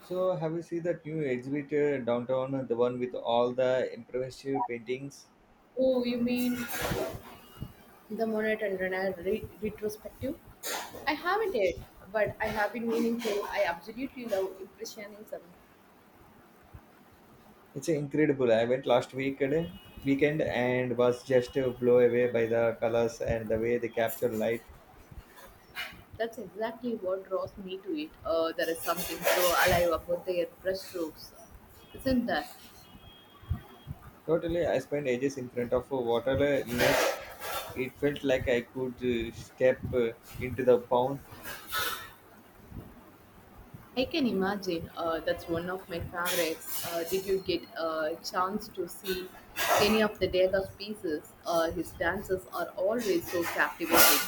So have you seen that new exhibit downtown, the one with all the impressive paintings? Oh, you mean the Monet and retrospective? I haven't yet, but I have been meaning to. I absolutely love Impressionism. It's incredible. I went last week weekend and was just blown away by the colors and the way they capture light. That's exactly what draws me to it. There is something so alive about their brushstrokes, isn't there? Totally, I spent ages in front of a water it felt like I could step into the pond. I can imagine. That's one of my favorites. Did you get a chance to see any of the Degas pieces? His dances are always so captivating.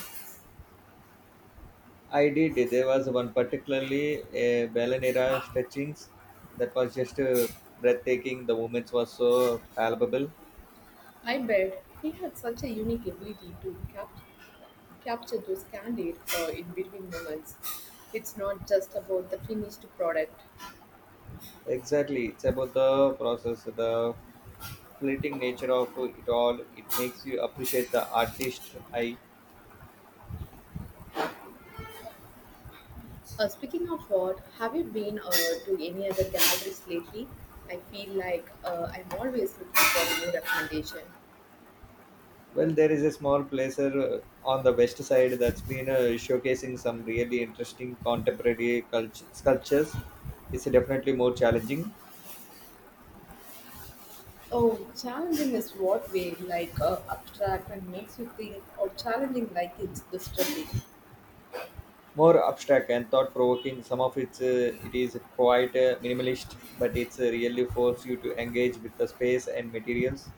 I did. There was one particularly a Ballenera stretchings that was just breathtaking. The movements were so palpable. I bet he had such a unique ability to capture those candid, in between moments. It's not just about the finished product. Exactly. It's about the process, the fleeting nature of it all. It makes you appreciate the artist. I Speaking of what, have you been, to any other galleries lately? I feel like, I'm always looking for new recommendation. Well, there is a small placer on the west side that's been showcasing some really interesting contemporary culture, sculptures. It's definitely more challenging, Oh, challenging is what way, like, abstract and makes you think, or challenging like it's disturbing? more abstract, and thought-provoking. Some of it is quite minimalist, but it's really force you to engage with the space and materials.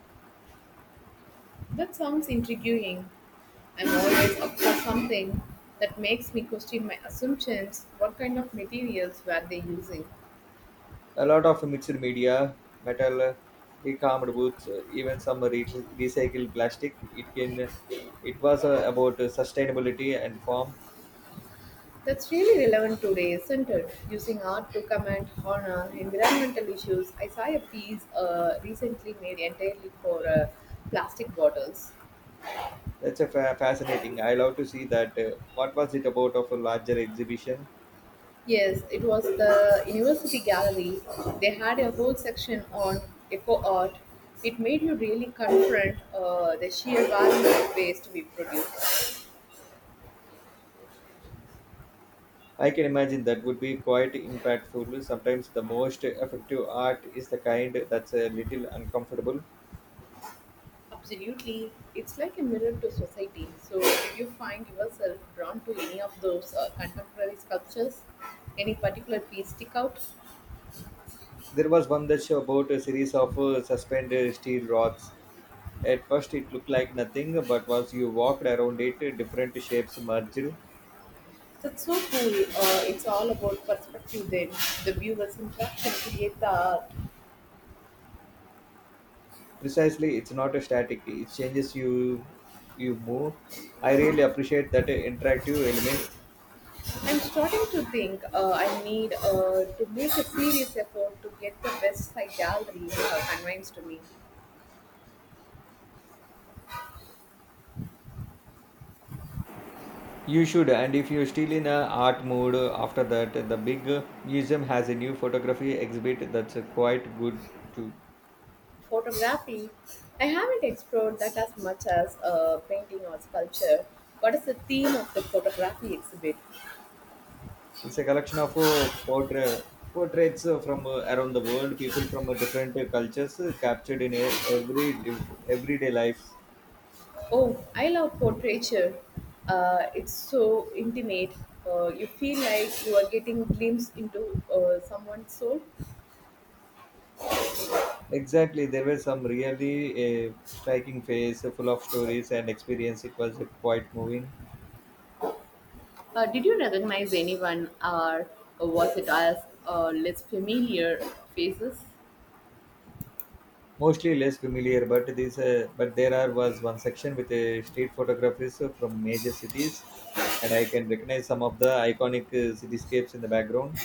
That sounds intriguing. I'm always up for something that makes me question my assumptions. What kind of materials were they using? A lot of mixed media, metal, decayed woods, even some recycled plastic. It can. It was about sustainability and form. That's really relevant today, isn't it? Using art to comment on, environmental issues. I saw a piece, recently made entirely for, plastic bottles. That's a fascinating. I love to see that. What was it about of a larger exhibition? Yes, it was the university gallery. They had a whole section on eco art. It made you really confront, the sheer value of waste we produce. I can imagine that would be quite impactful. Sometimes the most effective art is the kind that's a little uncomfortable. Absolutely. It's like a mirror to society. So, do you find yourself drawn to any of those, contemporary sculptures? Any particular piece stick out? There was one that's about a series of suspended steel rods. At first, it looked like nothing, but once you walked around it, different shapes merged. That's so cool. It's all about perspective then. The viewer's interaction create the art. Precisely, it's not a static; it changes you. You move. I really appreciate that interactive element. I'm starting to think, I need, to make a serious effort to get the West Side Gallery, convinced to me. You should, and if you're still in a art mood after that, the big museum has a new photography exhibit that's quite good too. Photography, I haven't explored that as much as, painting or sculpture. What is the theme of the photography exhibit? It's a collection of portraits from around the world, people from different cultures captured in a every everyday life. Oh, I love portraiture. It's so intimate. You feel like you are getting glimpse into, someone's soul. Exactly, there were some really striking face full of stories and experience. It was quite moving. Did you recognize anyone, or was it as, less familiar faces? Mostly less familiar, but this but there are was one section with street photographers from major cities, and I can recognize some of the iconic cityscapes in the background.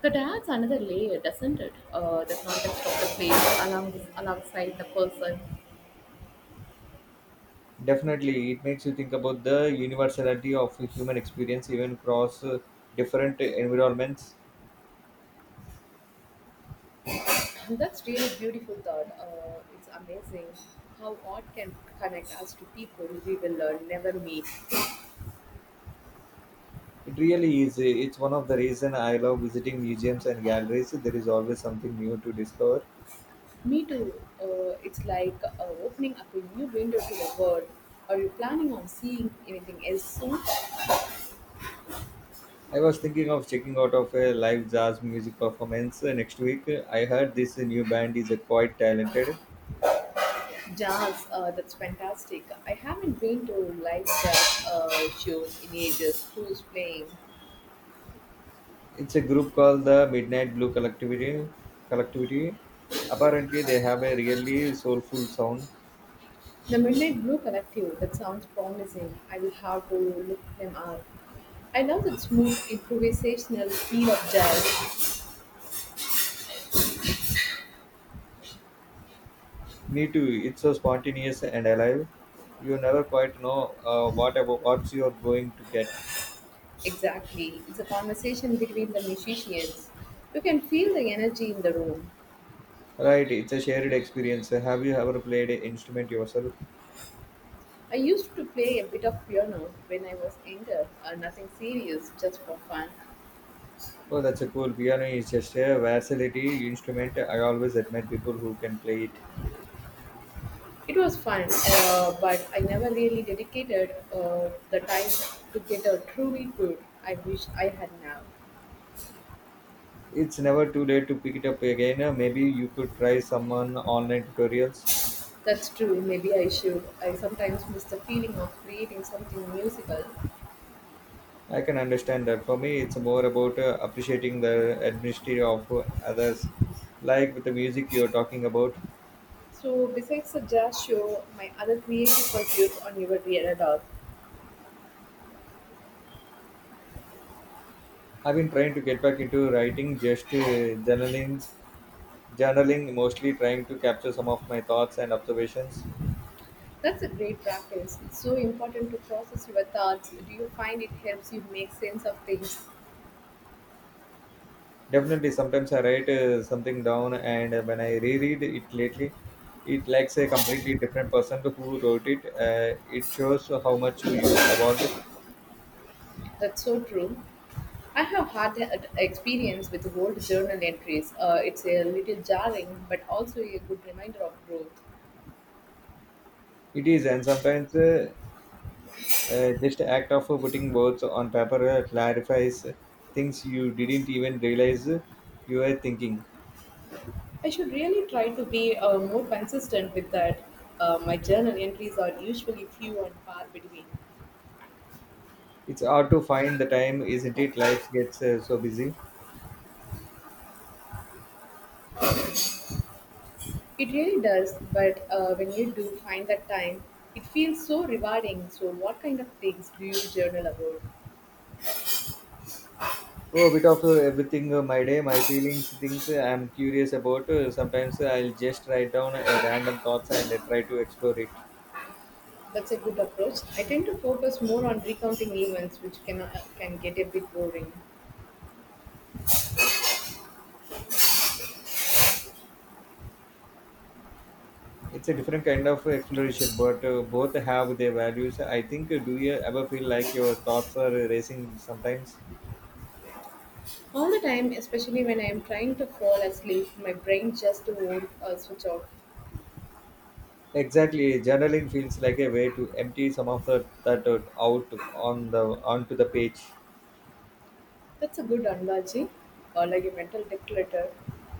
That adds another layer, doesn't it? The context of the alongside the person. Definitely, it makes you think about the universality of human experience, even across different environments. That's really beautiful thought. It's amazing how art can connect us to people we will, never meet. It really is. It's one of the reason I love visiting museums and galleries. There is always something new to discover. Me too. It's like, opening up a new window to the world. Are you planning on seeing anything else soon? I was thinking of checking out of a live jazz music performance next week. I heard this new band is quite talented. Jazz, that's fantastic. I haven't been to live jazz, shows in ages. Who's playing? It's a group called the Midnight Blue Collectivity. Collectivity. Apparently, they have a really soulful sound. The Midnight Blue Collective. That sounds promising. I will have to look them up. I love the smooth improvisational feel of jazz. Me too. It's so spontaneous and alive. You never quite know what about what you're going to get. Exactly. It's a conversation between the musicians. You can feel the energy in the room. Right. It's a shared experience. Have you ever played an instrument yourself? I used to play a bit of piano when I was younger, nothing serious, just for fun. Oh, that's a cool. Piano is just a versatility instrument. I always admire people who can play it. It was fun, but I never really dedicated, the time to get a truly good. I wish I had now. It's never too late to pick it up again. Maybe you could try someone online tutorials. That's true, maybe I should. I sometimes miss the feeling of creating something musical. I can understand that. For me, it's more about appreciating the administry of others, like with the music you're talking about. So, besides the jazz show, my other creative pursuits on your radar. I've been trying to get back into writing, just journaling, mostly trying to capture some of my thoughts and observations. That's a great practice. It's so important to process your thoughts. Do you find it helps you make sense of things? Definitely, sometimes I write something down, and when I reread it lately, it lacks a completely different person to who wrote it. It shows how much you evolved. That's so true. I have had an experience with old journal entries. It's a little jarring, but also a good reminder of growth. It is, and sometimes just act of putting words on paper clarifies things you didn't even realize you were thinking. I should really try to be, more consistent with that. My journal entries are usually few and far between. It's hard to find the time, isn't it? Life gets so busy. It really does, but, when you do find that time, it feels so rewarding. So, what kind of things do you journal about? Oh, a bit of everything, my day, my feelings, things I'm curious about. Sometimes I'll just write down a random thoughts and try to explore it. That's a good approach. I tend to focus more on recounting events, which can get a bit boring. It's a different kind of exploration, but both have their values. I think, do you ever feel like your thoughts are racing sometimes? All the time, especially when I am trying to fall asleep, my brain just won't, switch off. Exactly, journaling feels like a way to empty some of the that out on the onto the page. That's a good analogy, or like a mental declutter.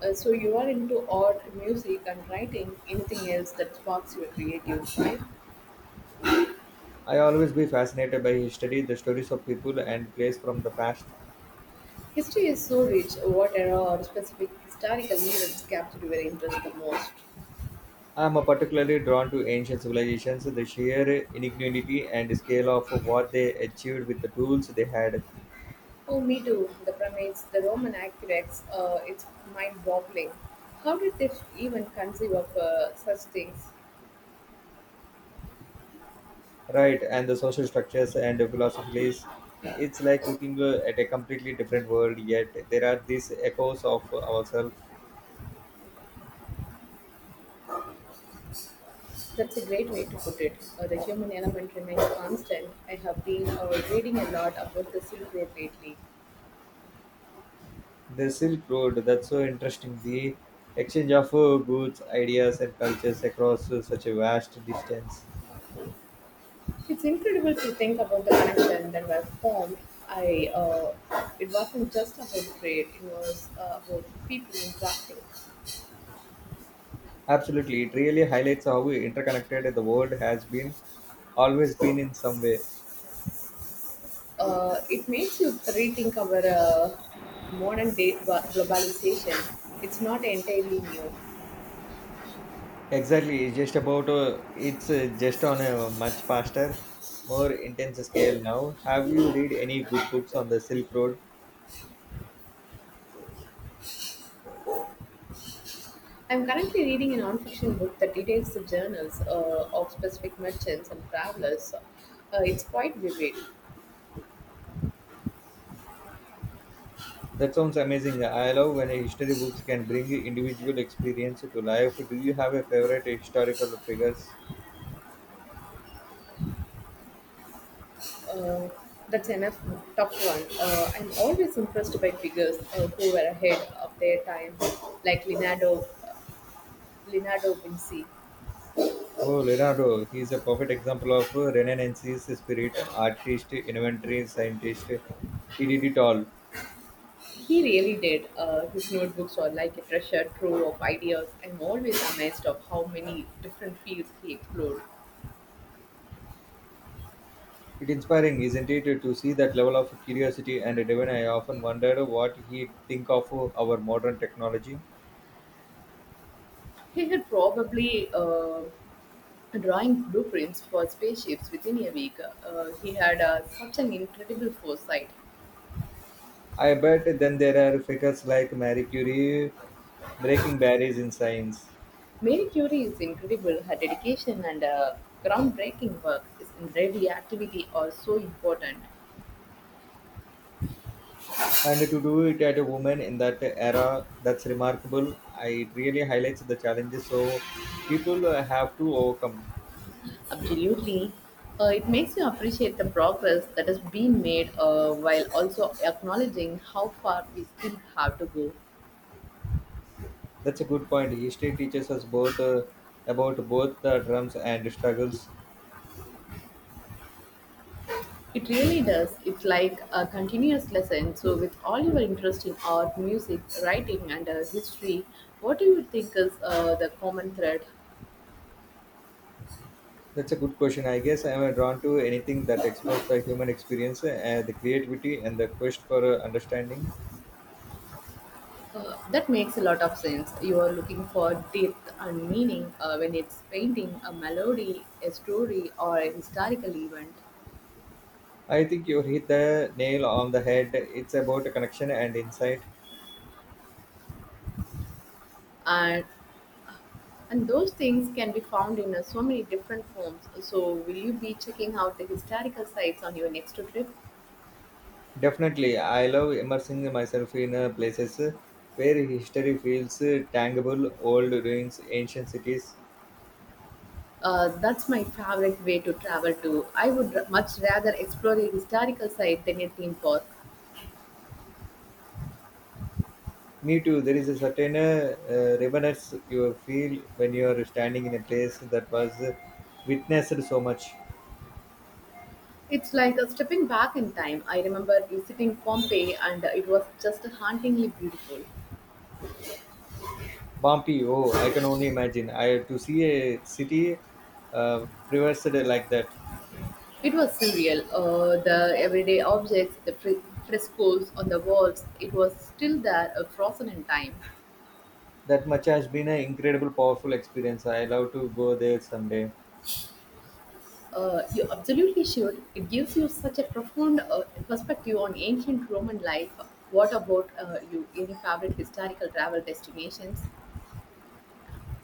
So you are into art, music, and writing. Anything else that sparks your creative side? I always be fascinated by history, the stories of people and place from the past. History is so rich. What era or specific historical events captured your interest the most? I'm particularly drawn to ancient civilizations, the sheer ingenuity and scale of what they achieved with the tools they had, Oh, me too. The primates, the Roman aqueducts, it's mind boggling. How did they even conceive of, such things? right? And the social structures and the philosophies. It's like looking at a completely different world, yet there are these echoes of ourselves. That's a great way to put it. The human element remains constant. I have been, reading a lot about the Silk Road lately. The Silk Road, that's so interesting. The exchange of goods, ideas, and cultures across such a vast distance. It's incredible to think about the connection that were formed. I, uh, it wasn't just about trade, it was, about people interacting. Absolutely, it really highlights how interconnected the world has been, always been in some way. It makes you rethink our, modern day globalization. It's not entirely new. Exactly, it's just on a much faster, more intense scale now. Have you read any good books on the Silk Road? I'm currently reading a non-fiction book that details the journals, of specific merchants and travelers. It's quite vivid. That sounds amazing. I love when history books can bring individual experience to life. Do you have a favorite historical figures? Uh, that's enough tough one. I'm always impressed by figures, who were ahead of their time, like Leonardo Vinci. Oh, Leonardo, he's a perfect example of Renaissance's spirit, artist, inventor, scientist. He did it all. He really did. His notebooks are like a treasure trove of ideas. I'm always amazed of how many different fields he explored. It's inspiring, isn't it, to see that level of curiosity and even I often wondered what he'd think of our modern technology. He had probably, drawing blueprints for spaceships within a week. He had, such an incredible foresight. I bet then there are figures like Marie Curie breaking barriers in science. Mary Curie is incredible. Her dedication and, groundbreaking work is in radioactivity are so important. And to do it at a woman in that era, that's remarkable. I, it really highlights the challenges so people have to overcome. Absolutely. It makes you appreciate the progress that has been made, while also acknowledging how far we still have to go. That's a good point. History teaches us both about both the drums and struggles. It really does. It's like a continuous lesson. So, with all your interest in art, music, writing, and, history, what do you think is, the common thread? That's a good question. I guess I am drawn to anything that explores the human experience, the creativity, and the quest for understanding. That makes a lot of sense. You are looking for depth and meaning, when it's painting a melody, a story, or a historical event. I think you hit the nail on the head. It's about connection and insight. And And those things can be found in, so many different forms. So, will you be checking out the historical sites on your next trip? Definitely, I love immersing myself in places where history feels tangible, old ruins, ancient cities. That's my favorite way to travel to. I would much rather explore a historical site than a theme park. Me too. There is a certain reverence you feel when you are standing in a place that was witnessed so much. It's like a stepping back in time. I remember visiting Pompeii, and, it was just hauntingly beautiful. Bumpy, oh, I can only imagine. I to see a city previously like that. It was surreal. The everyday objects, the frescoes on the walls, it was still there, frozen in time. That much has been an incredible, powerful experience. I love to go there someday. You absolutely should. It gives you such a profound, perspective on ancient Roman life. What about, you? Any favorite historical travel destinations?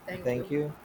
Thank Thank you. you.